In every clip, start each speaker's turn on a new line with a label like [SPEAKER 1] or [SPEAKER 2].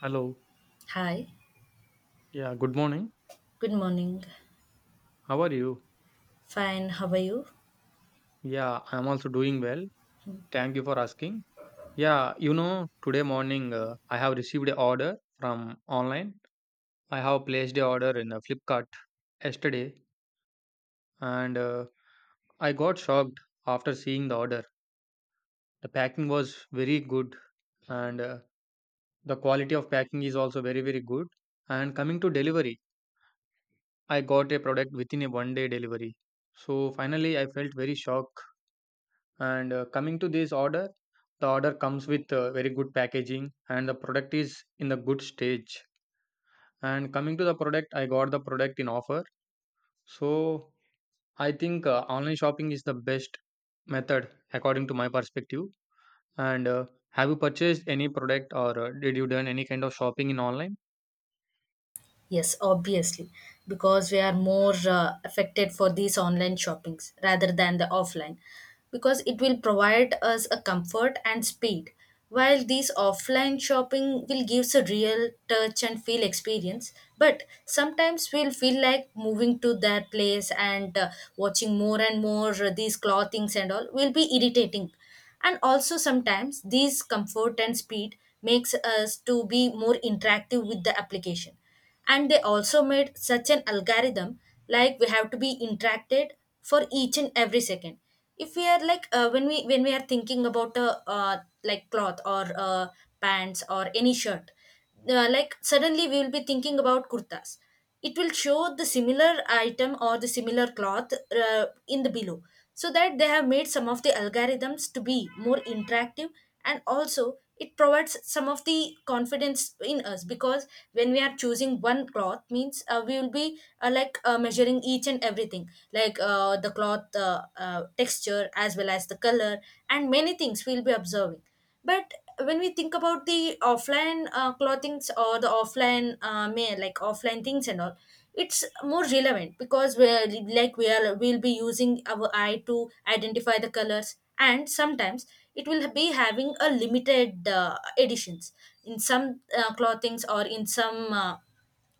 [SPEAKER 1] Hello.
[SPEAKER 2] Hi,
[SPEAKER 1] Yeah, good morning.
[SPEAKER 2] good morning.
[SPEAKER 1] How are you?
[SPEAKER 2] Fine, how are you?
[SPEAKER 1] Yeah, I'm also doing well. Thank you for asking. Yeah, today morning I have received a order from online. I have placed a order in Flipkart yesterday and I got shocked after seeing the order. The packing was very good and the quality of packing is also very very good. And coming to delivery, I got a product within a 1 day delivery. So finally I felt very shocked and coming to this order, the order comes with very good packaging and the product is in the good stage. And coming to the product, I got the product in offer. So I think online shopping is the best method according to my perspective. And have you purchased any product or did you done any kind of shopping in online?
[SPEAKER 2] Yes, obviously, because we are more affected for these online shoppings rather than the offline, because it will provide us a comfort and speed, while these offline shopping will gives a real touch and feel experience. But sometimes we'll feel like moving to their place and watching more and more these clothings and all will be irritating, and also sometimes these comfort and speed makes us to be more interactive with the application, and they also made such an algorithm, like we have to be interacted for each and every second if we are like when we are thinking about a like cloth or pants or any shirt, like suddenly we will be thinking about kurtas. It will show the similar item or the similar cloth uh, in the below, so that they have made some of the algorithms to be more interactive. And also it provides some of the confidence in us, because when we are choosing one cloth means we will be like measuring each and everything, like the cloth texture as well as the color, and many things we'll be observing. But when we think about the offline clothings or the offline may like offline things and all, it's more relevant because we're like we are we'll be using our eye to identify the colors, and sometimes it will be having a limited editions in some clothings or in some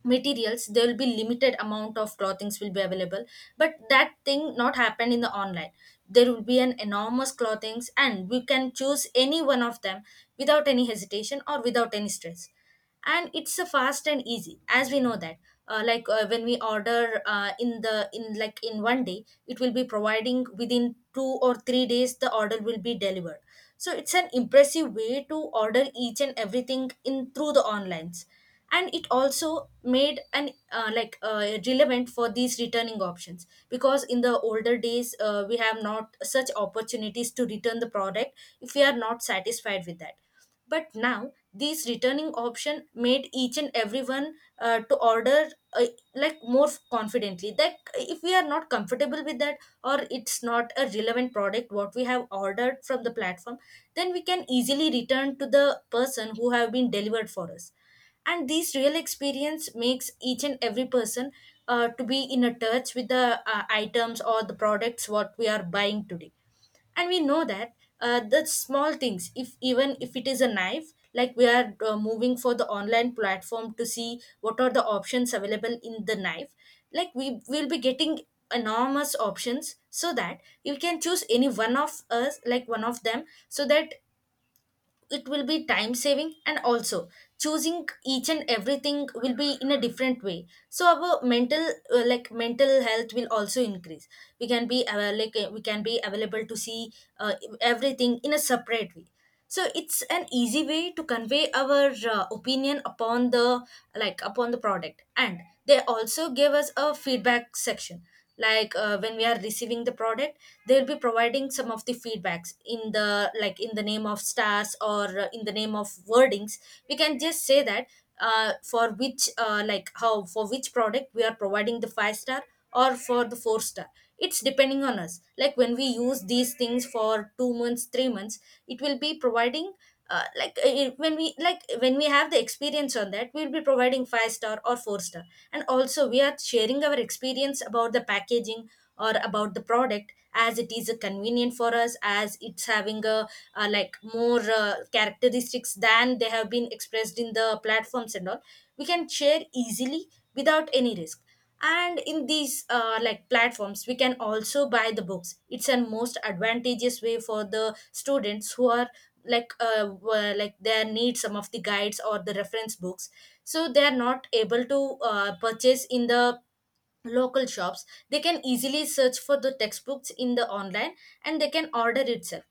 [SPEAKER 2] materials. There will be limited amount of clothings will be available, but that thing not happen in the online. There will be an enormous clothings and we can choose any one of them without any hesitation or without any stress. And it's a fast and easy, as we know that like when we order in the in like in 1 day, it will be providing within 2 or 3 days the order will be delivered. So it's an impressive way to order each and everything in through the onlines. And it also made an like relevant for these returning options, because in the older days we have not such opportunities to return the product if we are not satisfied with that. But now these returning option made each and everyone to order uh, like more confidently, that if we are not comfortable with that, or it's not a relevant product what we have ordered from the platform, then we can easily return to the person who have been delivered for us. And these real experience makes each and every person to be in a touch with the items or the products what we are buying today. And we know that the small things, if even if it is a knife, like we are moving for the online platform to see what are the options available in the knife. Like we will be getting enormous options, so that you can choose any one of us like one of them, so that it will be time saving. And also choosing each and everything will be in a different way, so our mental like mental health will also increase. We can be like we can be available to see uh, everything in a separate way. So it's an easy way to convey our opinion upon the upon the product. And they also give us a feedback section, like when we are receiving the product, they'll be providing some of the feedbacks in the like in the name of stars or in the name of wordings. We can just say that for which like how for which product we are providing the five star or for the four star. It's depending on us, like when we use these things for 2 months 3 months, it will be providing like when we have the experience on that, we'll be providing five star or four star. And also we are sharing our experience about the packaging or about the product, as it is convenient for us, as it's having a like more characteristics than they have been expressed in the platforms and all. We can share easily without any risk. And in these like platforms we can also buy the books. It's a most advantageous way for the students who are like like they need some of the guides or the reference books, so they are not able to purchase in the local shops. They can easily search for the textbooks in the online, and they can order itself.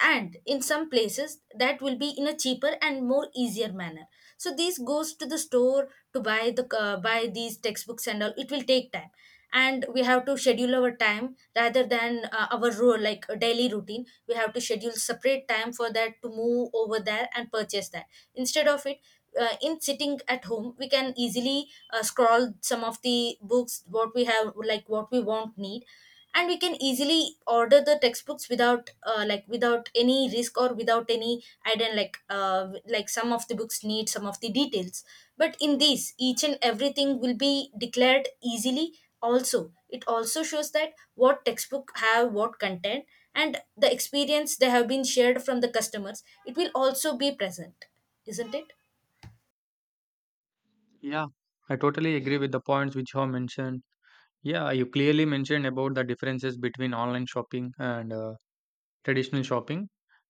[SPEAKER 2] And in some places that will be in a cheaper and more easier manner. So this goes to the store to buy the buy these textbooks and all, it will take time, and we have to schedule our time rather than our rule like daily routine. We have to schedule separate time for that to move over there and purchase that. Instead of it, in sitting at home we can easily scroll some of the books what we have like what we won't need, and we can easily order the textbooks without like without any risk or without any I like some of the books need some of the details, but in these each and everything will be declared easily. Also it also shows that what textbook have what content, and the experience they have been shared from the customers, it will also be present, isn't it?
[SPEAKER 1] Yeah, I totally agree with the points which you have mentioned. Yeah, you clearly mentioned about the differences between online shopping and traditional shopping.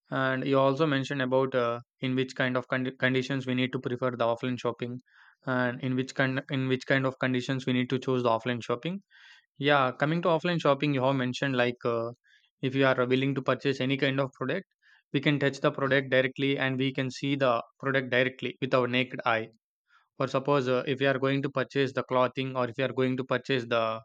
[SPEAKER 1] And you also mentioned about in which kind of conditions we need to prefer the offline shopping, and in which kind of conditions we need to choose the offline shopping. Yeah, coming to offline shopping, you have mentioned like if you are willing to purchase any kind of product, we can touch the product directly and we can see the product directly with our naked eye. For suppose if you are going to purchase the clothing or if you are going to purchase the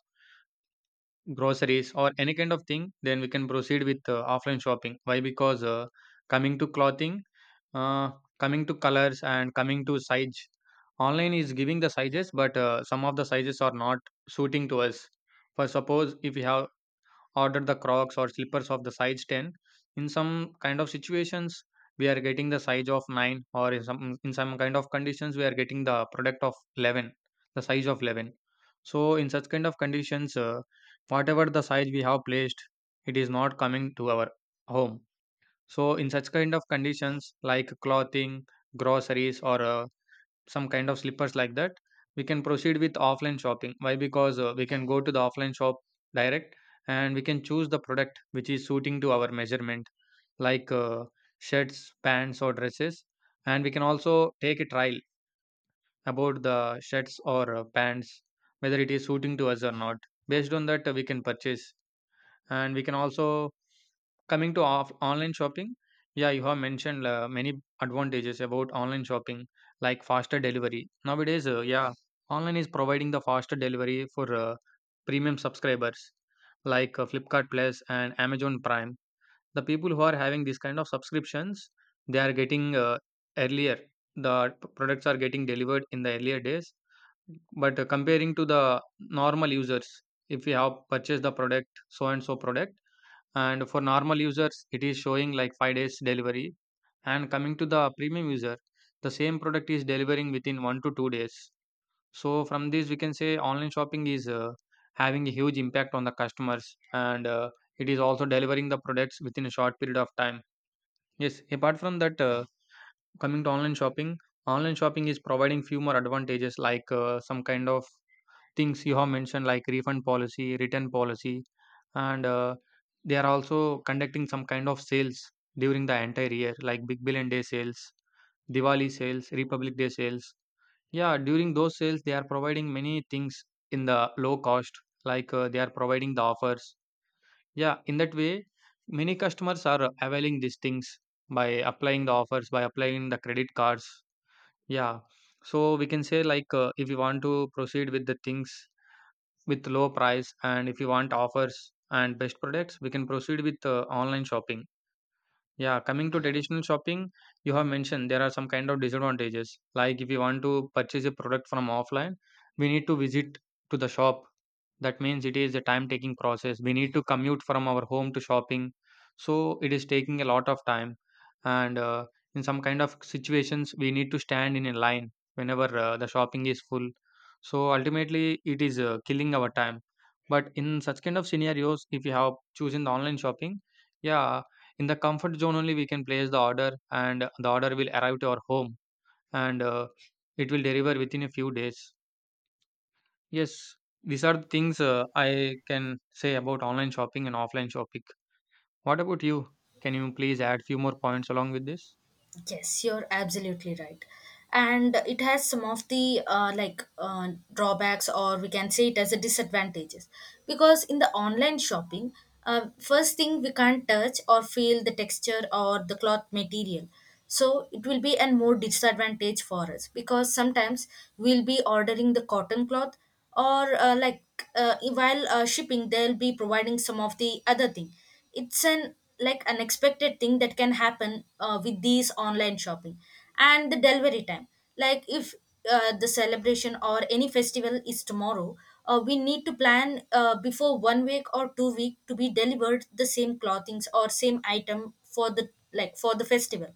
[SPEAKER 1] groceries or any kind of thing, then we can proceed with offline shopping. Why? Because coming to clothing, uh, coming to colors and coming to size, online is giving the sizes, but some of the sizes are not suiting to us. For suppose, if we have order the crocs or slippers of the size 10, in some kind of situations we are getting the size of 9, or in some kind of conditions we are getting the product of 11, the size of 11. So in such kind of conditions whatever the size we have placed, it is not coming to our home. So in such kind of conditions like clothing, groceries, or some kind of slippers like that, we can proceed with offline shopping. Why? Because we can go to the offline shop direct and we can choose the product which is suiting to our measurement, like shirts, pants or dresses. And we can also take a trial about the shirts or pants, whether it is suiting to us or not. Based on that we can purchase. And we can also coming to off online shopping, yeah, you have mentioned many advantages about online shopping, like faster delivery. Nowadays, yeah, online is providing the faster delivery for premium subscribers like Flipkart Plus and Amazon Prime. The people who are having this kind of subscriptions, they are getting earlier. The products are getting delivered in the earlier days. But comparing to the normal users, if you have purchased the product, so and so product, and for normal users, it is showing like 5 days delivery. And coming to the premium user, the same product is delivering within 1 to 2 days. So from this, we can say online shopping is having a huge impact on the customers, and it is also delivering the products within a short period of time. Yes, apart from that, coming to online shopping is providing few more advantages like some kind of things you have mentioned, like refund policy, return policy, and they are also conducting some kind of sales during the entire year, like Big Billion Day sales, Diwali sales, Republic Day sales. Yeah, during those sales, they are providing many things in the low cost, like they are providing the offers. Yeah, in that way, many customers are availing these things by applying the offers, by applying the credit cards. Yeah, so we can say like if you want to proceed with the things with low price, and if you want offers and best products, we can proceed with online shopping. Yeah, coming to traditional shopping, you have mentioned there are some kind of disadvantages. Like if you want to purchase a product from offline, we need to visit to the shop. That means it is a time taking process. We need to commute from our home to shopping. So it is taking a lot of time. And in some kind of situations, we need to stand in a line whenever the shopping is full. So ultimately, it is killing our time. But in such kind of scenarios, if you have chosen the online shopping, yeah, in the comfort zone only we can place the order, and the order will arrive to our home, and it will deliver within a few days. Yes, these are the things I can say about online shopping and offline shopping. What about you? Can you please add few more points along with this?
[SPEAKER 2] Yes, you're absolutely right. And it has some of the like drawbacks, or we can say it as a disadvantages, because in the online shopping, first thing, we can't touch or feel the texture or the cloth material. So it will be a more disadvantage for us, because sometimes we'll be ordering the cotton cloth or like while shipping, they'll be providing some of the other thing. It's an like unexpected thing that can happen with these online shopping. And the delivery time, like if the celebration or any festival is tomorrow, we need to plan before 1 week or 2 week to be delivered the same clothings or same item for the like for the festival.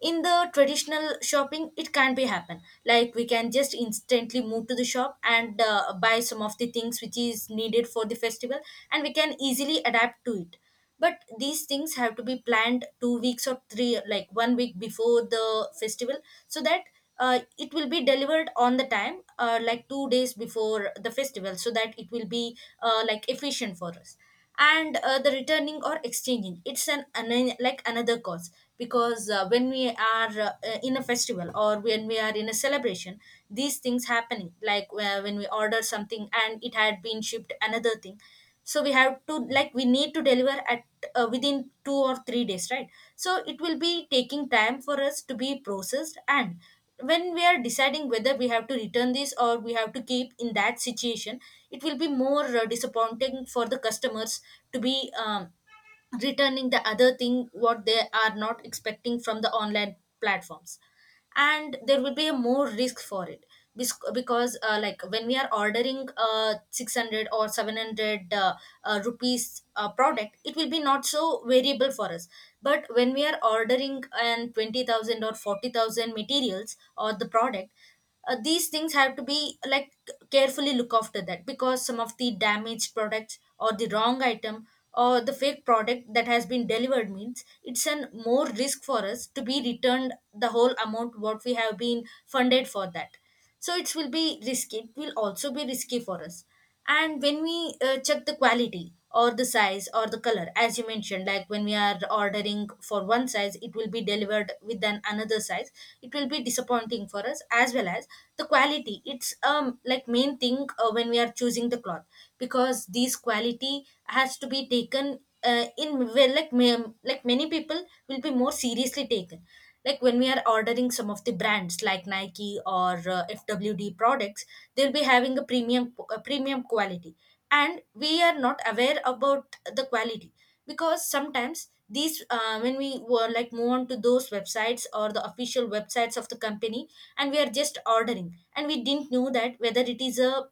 [SPEAKER 2] In the traditional shopping it can't be happen, like we can just instantly move to the shop and buy some of the things which is needed for the festival, and we can easily adapt to it. But these things have to be planned 2 weeks or three like 1 week before the festival, so that it will be delivered on the time, like 2 days before the festival, so that it will be like efficient for us. And the returning or exchanging, it's an like another cause, because when we are in a festival or when we are in a celebration, these things happening, like when we order something and it had been shipped another thing. So we have to we need to deliver at within 2 or 3 days, right? So it will be taking time for us to be processed. And when we are deciding whether we have to return this or we have to keep in that situation, it will be more disappointing for the customers to be returning the other thing what they are not expecting from the online platforms. And there will be a more risk for it, because like when we are ordering 600 or 700 rupees product, it will be not so variable for us. But when we are ordering an 20,000 or 40,000 materials or the product, these things have to be like carefully look after that, because some of the damaged products or the wrong item or the fake product that has been delivered means it's an more risk for us to be returned the whole amount what we have been funded for that. So it will be risky, it will also be risky for us. And when we check the quality or the size or the color, as you mentioned, like when we are ordering for one size, it will be delivered with an another size. It will be disappointing for us, as well as the quality, it's like main thing when we are choosing the cloth, because this quality has to be taken in well, like like many people will be more seriously taken, like when we are ordering some of the brands like Nike or FWD products, they'll be having a premium quality, and we are not aware about the quality, because sometimes these when we were like move on to those websites or the official websites of the company, and we are just ordering and we didn't know that whether it is a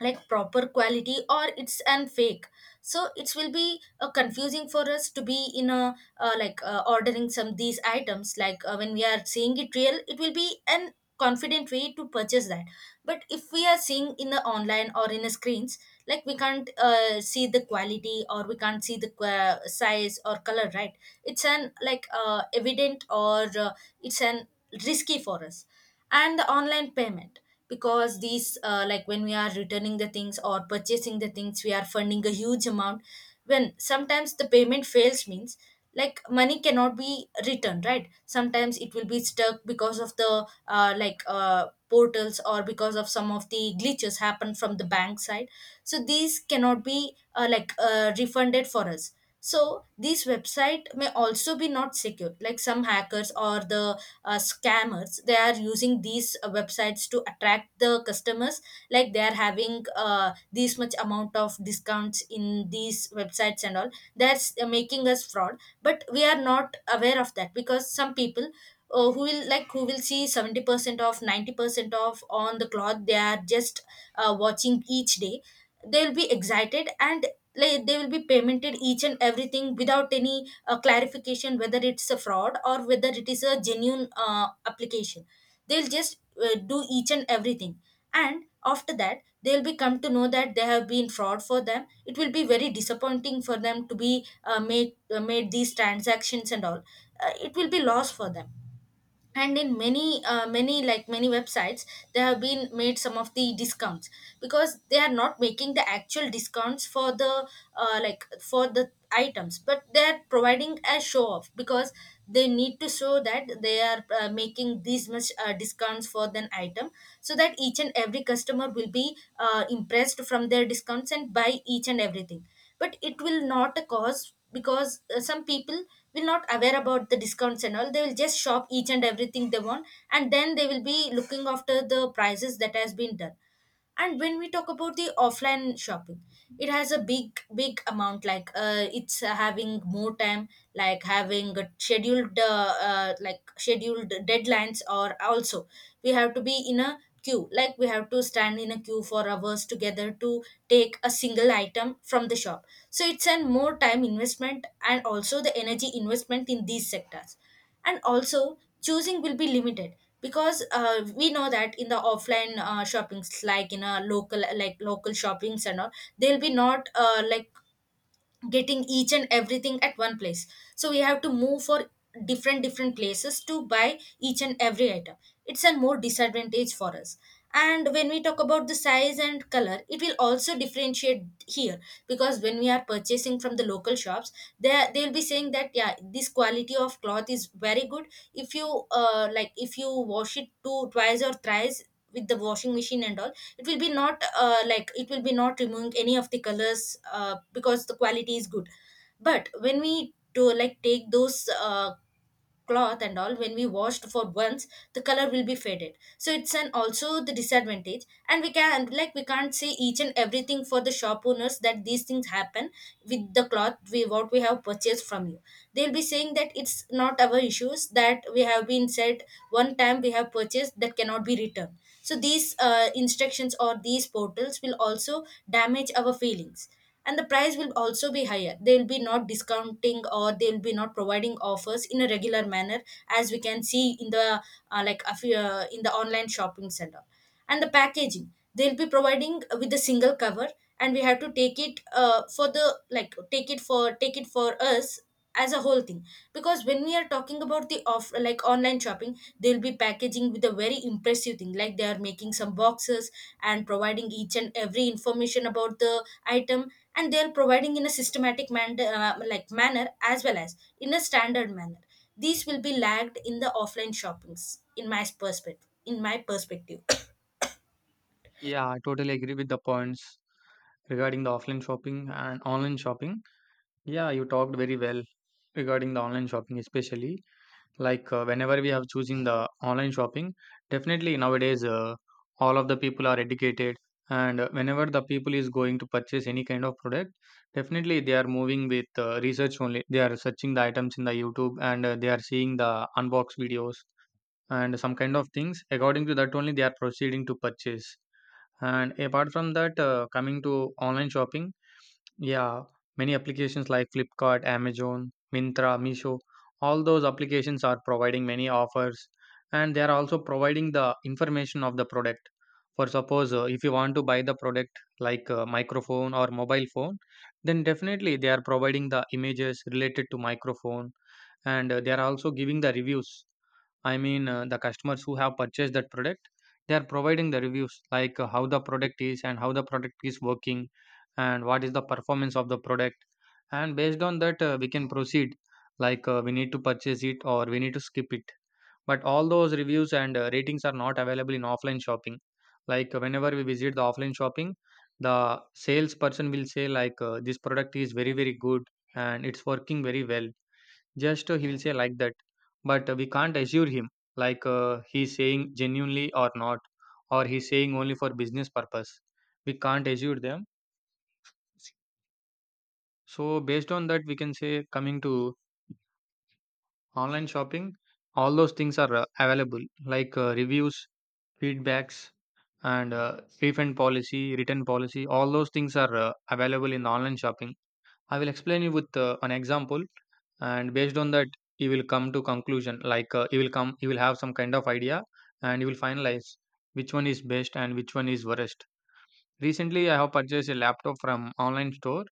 [SPEAKER 2] like proper quality or it's an fake. So it will be confusing for us to be in a ordering some these items when we are seeing it real, it will be an confident way to purchase that. But if we are seeing in the online or in the screens, like we can't see the quality or we can't see the qua size or color, right? It's an evident or it's an risky for us. And the online payment, because these like when we are returning the things or purchasing the things, we are funding a huge amount. When sometimes the payment fails means, like money cannot be returned, right? Sometimes it will be stuck because of the portals or because of some of the glitches happen from the bank side, so these cannot be refunded for us. So these website may also be not secure, like some hackers or the scammers, they are using these websites to attract the customers, like they are having this much amount of discounts in these websites and all. That's making us fraud. But we are not aware of that, because some people, who will who will see 70% off, 90% off on the cloth, they are just watching each day, they will be excited. And like, they will be paymented each and everything without any clarification whether it's a fraud or whether it is a genuine application. They'll just do each and everything, and after that they'll be come to know that they have been fraud. For them it will be very disappointing, for them to be made these transactions and all. It will be loss for them. And in many many websites, they have been made some of the discounts, because they are not making the actual discounts for the like for the items, but they are providing a show off because they need to show that they are making these much discounts for an item, so that each and every customer will be impressed from their discounts and buy each and everything. But it will not cause, because some people will not aware about the discounts and all, they will just shop each and everything they want, and then they will be looking after the prices that has been done. And when we talk about the offline shopping, it has a big big amount, like it's having more time, like having a scheduled scheduled deadlines. Or also we have to be in a queue, like we have to stand in a queue for hours together to take a single item from the shop. So it's an more time investment and also the energy investment in these sectors. And also choosing will be limited, because we know that in the offline shoppings, like in a local shoppings and all, they'll be not like getting each and everything at one place, so we have to move for different different places to buy each and every item. It's a more disadvantage for us. And when we talk about the size and color, it will also differentiate here, because when we are purchasing from the local shops, they'll be saying that yeah, this quality of cloth is very good, if you if you wash it two twice or thrice with the washing machine and all, it will be not like it will be not removing any of the colors, because the quality is good. But when we do like take those cloth and all, when we washed for once, the color will be faded, so it's an also the disadvantage. And we can like we can't say each and everything for the shop owners that these things happen with the cloth we what we have purchased from you. They'll be saying that it's not our issues, that we have been said one time we have purchased, that cannot be returned. So these instructions or these portals will also damage our feelings. And the price will also be higher, they will be not discounting or they will be not providing offers in a regular manner, as we can see in the in the online shopping center. And the packaging, they'll be providing with a single cover, and we have to take it for the take it for us as a whole thing. Because when we are talking about the off like online shopping, they'll be packaging with a very impressive thing, like they are making some boxes and providing each and every information about the item, and they are providing in a systematic manner, as well as in a standard manner. These will be lagged in the offline shoppings, in my perspective.
[SPEAKER 1] Yeah, I totally agree with the points regarding the offline shopping and online shopping. Yeah, you talked very well regarding the online shopping especially. Like whenever we have choosing the online shopping, definitely nowadays all of the people are educated, and whenever the people is going to purchase any kind of product, definitely they are moving with research only. They are searching the items in the YouTube, and they are seeing the unbox videos and some kind of things. According to that only they are proceeding to purchase. And apart from that, coming to online shopping, yeah, many applications like Flipkart, Amazon, Mintra, Misho, all those applications are providing many offers, and they are also providing the information of the product. For suppose, if you want to buy the product like a microphone or mobile phone, then definitely they are providing the images related to microphone, and they are also giving the reviews. I mean, the customers who have purchased that product, they are providing the reviews like how the product is and how the product is working and what is the performance of the product. And based on that, we can proceed, like we need to purchase it or we need to skip it. But all those reviews and ratings are not available in offline shopping. Like whenever we visit the offline shopping, the salesperson will say like this product is very very good and it's working very well. Just he will say like that, but we can't assure him like he's saying genuinely or not, or he's saying only for business purpose. We can't assure them. So based on that, we can say coming to online shopping, all those things are available, like reviews, feedbacks, and refund policy, return policy. All those things are available in online shopping. I will explain you with an example, and based on that you will come to conclusion, like you will have some kind of idea, and you will finalize which one is best and which one is worst. Recently I have purchased a laptop from online store,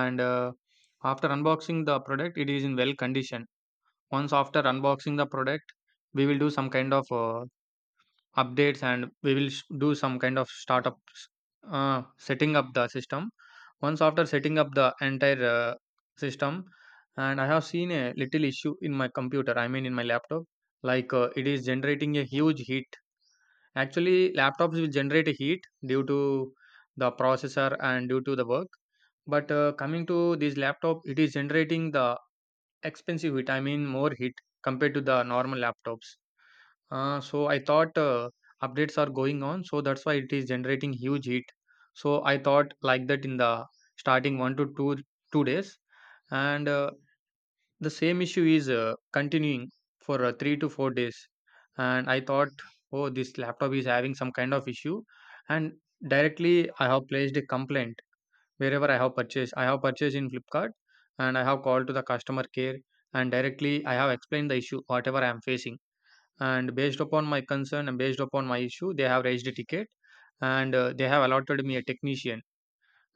[SPEAKER 1] and after unboxing the product it is in well condition. Once after unboxing the product, we will do some kind of updates, and we will do some kind of startup, setting up the system. Once after setting up the entire system, and I have seen a little issue in my computer, I mean in my laptop. Like it is generating a huge heat. Actually laptops will generate a heat due to the processor and due to the work, but coming to this laptop, it is generating the expensive heat, I mean more heat compared to the normal laptops. So I thought updates are going on, so that's why it is generating huge heat. So I thought like that in the starting 1 to 2 2 days, and the same issue is continuing for 3 to 4 days. And I thought, oh, this laptop is having some kind of issue, and directly I have placed a complaint wherever I have purchased. I have purchased in Flipkart, and I have called to the customer care, and directly I have explained the issue whatever I am facing, and based upon my concern and based upon my issue they have raised a ticket, and they have allotted me a technician,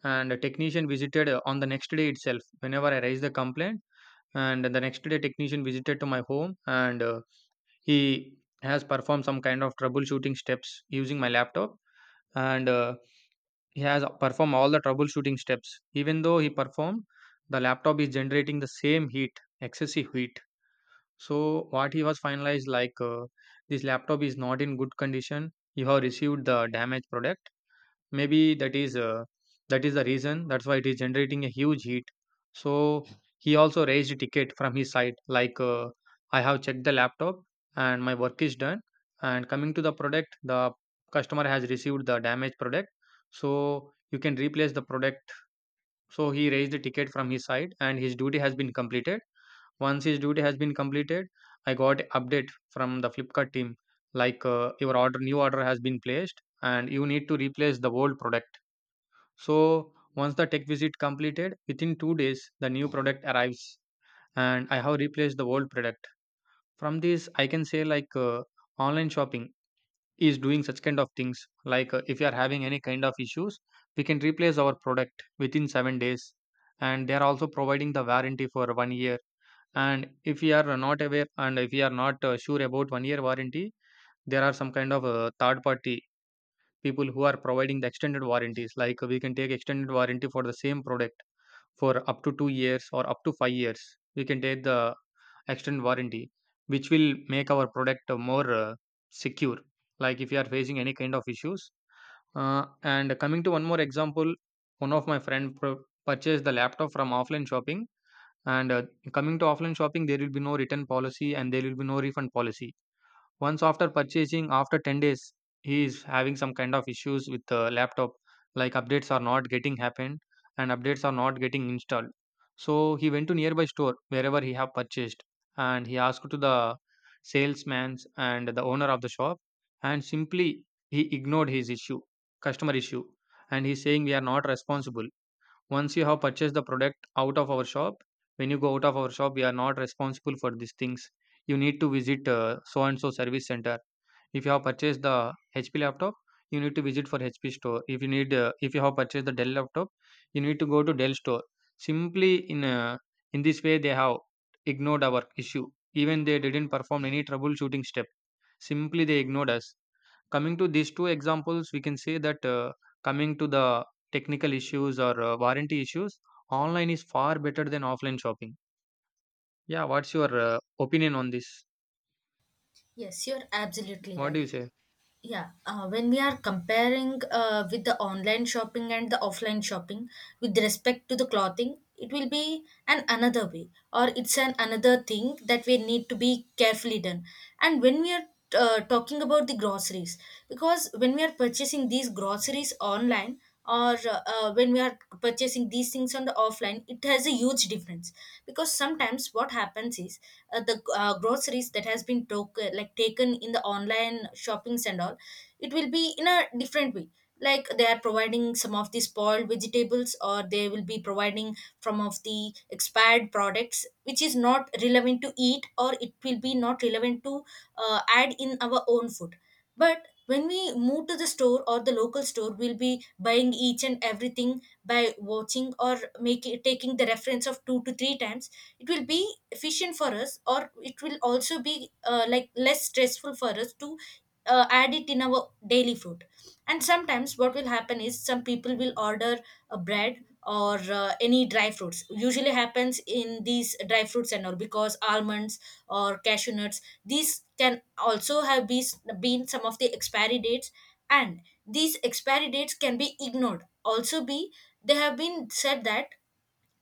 [SPEAKER 1] and a technician visited on the next day itself whenever I raised the complaint. And the next day technician visited to my home, and he has performed some kind of troubleshooting steps using my laptop. And he has performed all the troubleshooting steps. Even though he performed, the laptop is generating the same heat, excessive heat. So what he was finalized like this laptop is not in good condition. You have received the damaged product. Maybe that is the reason. That's why it is generating a huge heat. So he also raised a ticket from his side like, I have checked the laptop and my work is done. And coming to the product, the customer has received the damaged product. So you can replace the product. So he raised the ticket from his side and his duty has been completed. Once his duty has been completed, I got update from the Flipkart team like, your order, new order has been placed and you need to replace the old product. So once the tech visit completed, within 2 days the new product arrives, and I have replaced the old product. From this I can say like, online shopping is doing such kind of things like, if you are having any kind of issues, we can replace our product within 7 days, and they are also providing the warranty for 1 year. And if we are not aware and if we are not sure about 1 year warranty, there are some kind of third party people who are providing the extended warranties, like we can take extended warranty for the same product for up to 2 years or up to 5 years. We can take the extended warranty, which will make our product more secure, like if you are facing any kind of issues. And coming to one more example, one of my friend purchased the laptop from offline shopping, and coming to offline shopping, there will be no return policy and there will be no refund policy. Once after purchasing, after 10 days, he is having some kind of issues with the laptop, like updates are not getting happened and updates are not getting installed. So he went to nearby store wherever he have purchased, and he asked to the salesman and the owner of the shop, and simply he ignored his issue, customer issue, and he's saying we are not responsible. Once you have purchased the product out of our shop, when you go out of our shop, we are not responsible for these things. You need to visit so and so service center. If you have purchased the HP laptop, you need to visit for HP store. If you need, if you have purchased the Dell laptop, you need to go to Dell store. Simply in In this way, they have ignored our issue. Even they didn't perform any troubleshooting step. Simply they ignored us. Coming to these two examples, we can say that, coming to the technical issues or warranty issues, online is far better than offline shopping. Yeah, what's your opinion on this?
[SPEAKER 2] Yes, you're absolutely
[SPEAKER 1] What do
[SPEAKER 2] right.
[SPEAKER 1] you say?
[SPEAKER 2] Yeah, when we are comparing with the online shopping and the offline shopping, with respect to the clothing, it will be an another way, or it's an another thing that we need to be carefully done. And when we are talking about the groceries, because when we are purchasing these groceries online, or when we are purchasing these things on the offline, it has a huge difference. Because sometimes what happens is, the groceries that has been took, like taken in the online shoppings and all, it will be in a different way, like they are providing some of the spoiled vegetables, or they will be providing from of the expired products which is not relevant to eat, or it will be not relevant to add in our own food. But when we move to the store or the local store, we'll be buying each and everything by watching or making taking the reference of two to three times. It will be efficient for us, or it will also be like less stressful for us to add it in our daily food. And sometimes what will happen is, some people will order a bread or any dry fruits. Usually happens in these dry fruits and all, because almonds or cashew nuts, these can also have been some of the expiry dates. And these expiry dates can be ignored also be, they have been said that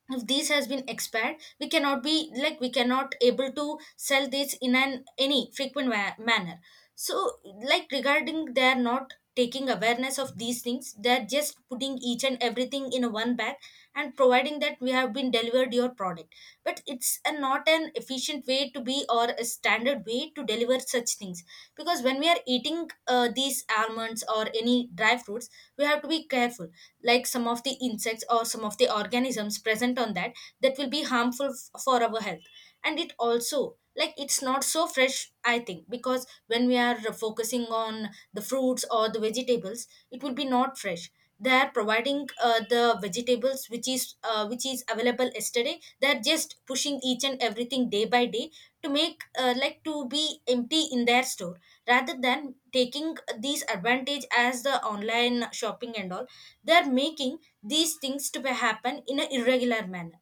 [SPEAKER 2] if this has been expired, we cannot be like we cannot able to sell this in an any manner. So like regarding, they're not taking awareness of these things, they're just putting each and everything in a one bag and providing that we have been delivered your product. But it's a, not an efficient way to be, or a standard way to deliver such things. Because when we are eating these almonds or any dry fruits, we have to be careful, like some of the insects or some of the organisms present on that, that will be harmful for our health. And it also like, it's not so fresh I think, because when we are focusing on the fruits or the vegetables, it will be not fresh. They are providing the vegetables which is available yesterday. They are just pushing each and everything day by day to make like to be empty in their store, rather than taking these advantage. As the online shopping and all, they are making these things to be happen in an irregular manner.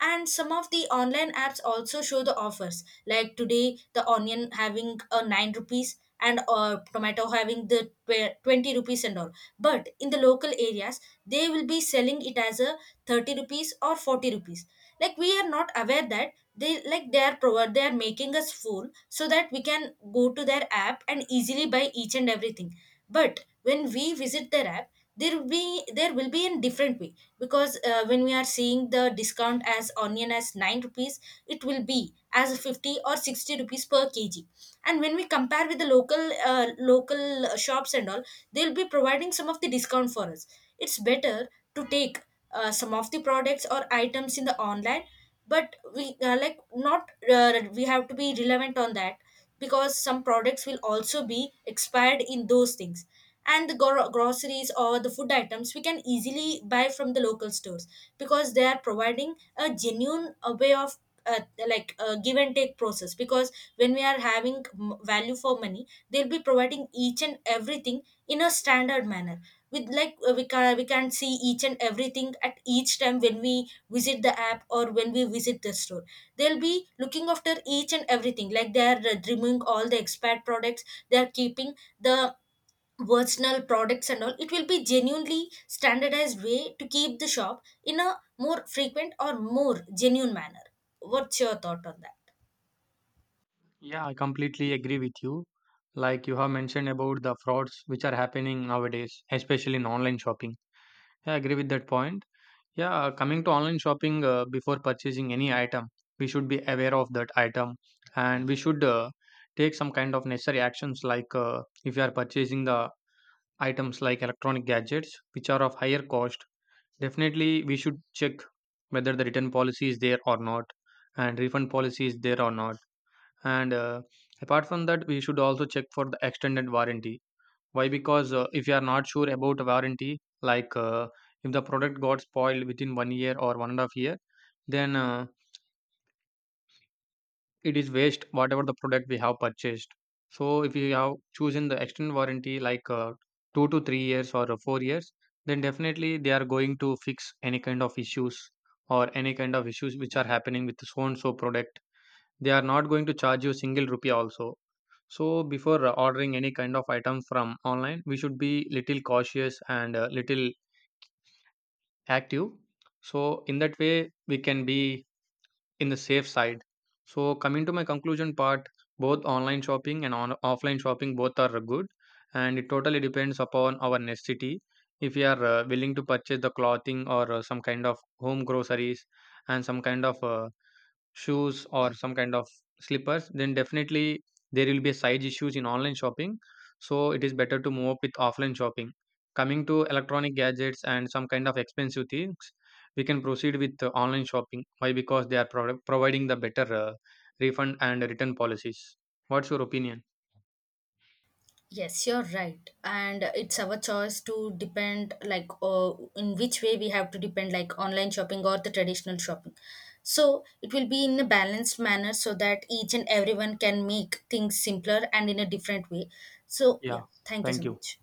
[SPEAKER 2] And some of the online apps also show the offers, like today the onion having a 9 rupees, and tomato having the 20 rupees and all. But in the local areas, they will be selling it as a 30 rupees or 40 rupees. Like we are not aware that they like they are provide they are making us fool, so that we can go to their app and easily buy each and everything. But when we visit their app, there will be in different way. Because when we are seeing the discount as onion as 9 rupees, it will be as 50 or 60 rupees per kg. And when we compare with the local shops and all, they'll be providing some of the discount for us. It's better to take some of the products or items in the online, but we like not we have to be relevant on that, because some products will also be expired in those things. And the groceries or the food items we can easily buy from the local stores, because they are providing a genuine way of uh, give and take process. Because when we are having value for money, they'll be providing each and everything in a standard manner. With like, we can see each and everything at each time when we visit the app or when we visit the store. They'll be looking after each and everything, like they are removing all the expired products, they are keeping the original products and all. It will be genuinely standardized way to keep the shop in a more frequent or more genuine manner. What's your thought on that?
[SPEAKER 1] Yeah, I completely agree with you. Like you have mentioned about the frauds which are happening nowadays, especially in online shopping. Yeah, I agree with that point. Yeah, coming to online shopping, before purchasing any item, we should be aware of that item, and we should take some kind of necessary actions, like if you are purchasing the items like electronic gadgets which are of higher cost, definitely we should check whether the return policy is there or not and refund policy is there or not. And apart from that, we should also check for the extended warranty. Why? Because if you are not sure about warranty, like if the product got spoiled within 1 year or 1.5 years, then it is waste whatever the product we have purchased. So if you have chosen the extended warranty like 2 to 3 years or 4 years, then definitely they are going to fix any kind of issues or any kind of issues which are happening with so and so product. They are not going to charge you single rupee also. So before ordering any kind of item from online, we should be little cautious and little active. So in that way, we can be in the safe side. So coming to my conclusion part, both online shopping and offline shopping both are good, and it totally depends upon our necessity. If we are willing to purchase the clothing or some kind of home groceries and some kind of shoes or some kind of slippers, then definitely there will be a side issues in online shopping, so it is better to move up with offline shopping. Coming to electronic gadgets and some kind of expensive things, we can proceed with online shopping. Why? Because they are providing the better refund and return policies. What's your opinion?
[SPEAKER 2] Yes, you're right. And it's our choice to depend, like, in which way we have to depend, like online shopping or the traditional shopping. So it will be in a balanced manner so that each and everyone can make things simpler and in a different way. So,
[SPEAKER 1] Yeah,
[SPEAKER 2] yeah, thank you
[SPEAKER 1] thank
[SPEAKER 2] so
[SPEAKER 1] you.
[SPEAKER 2] much.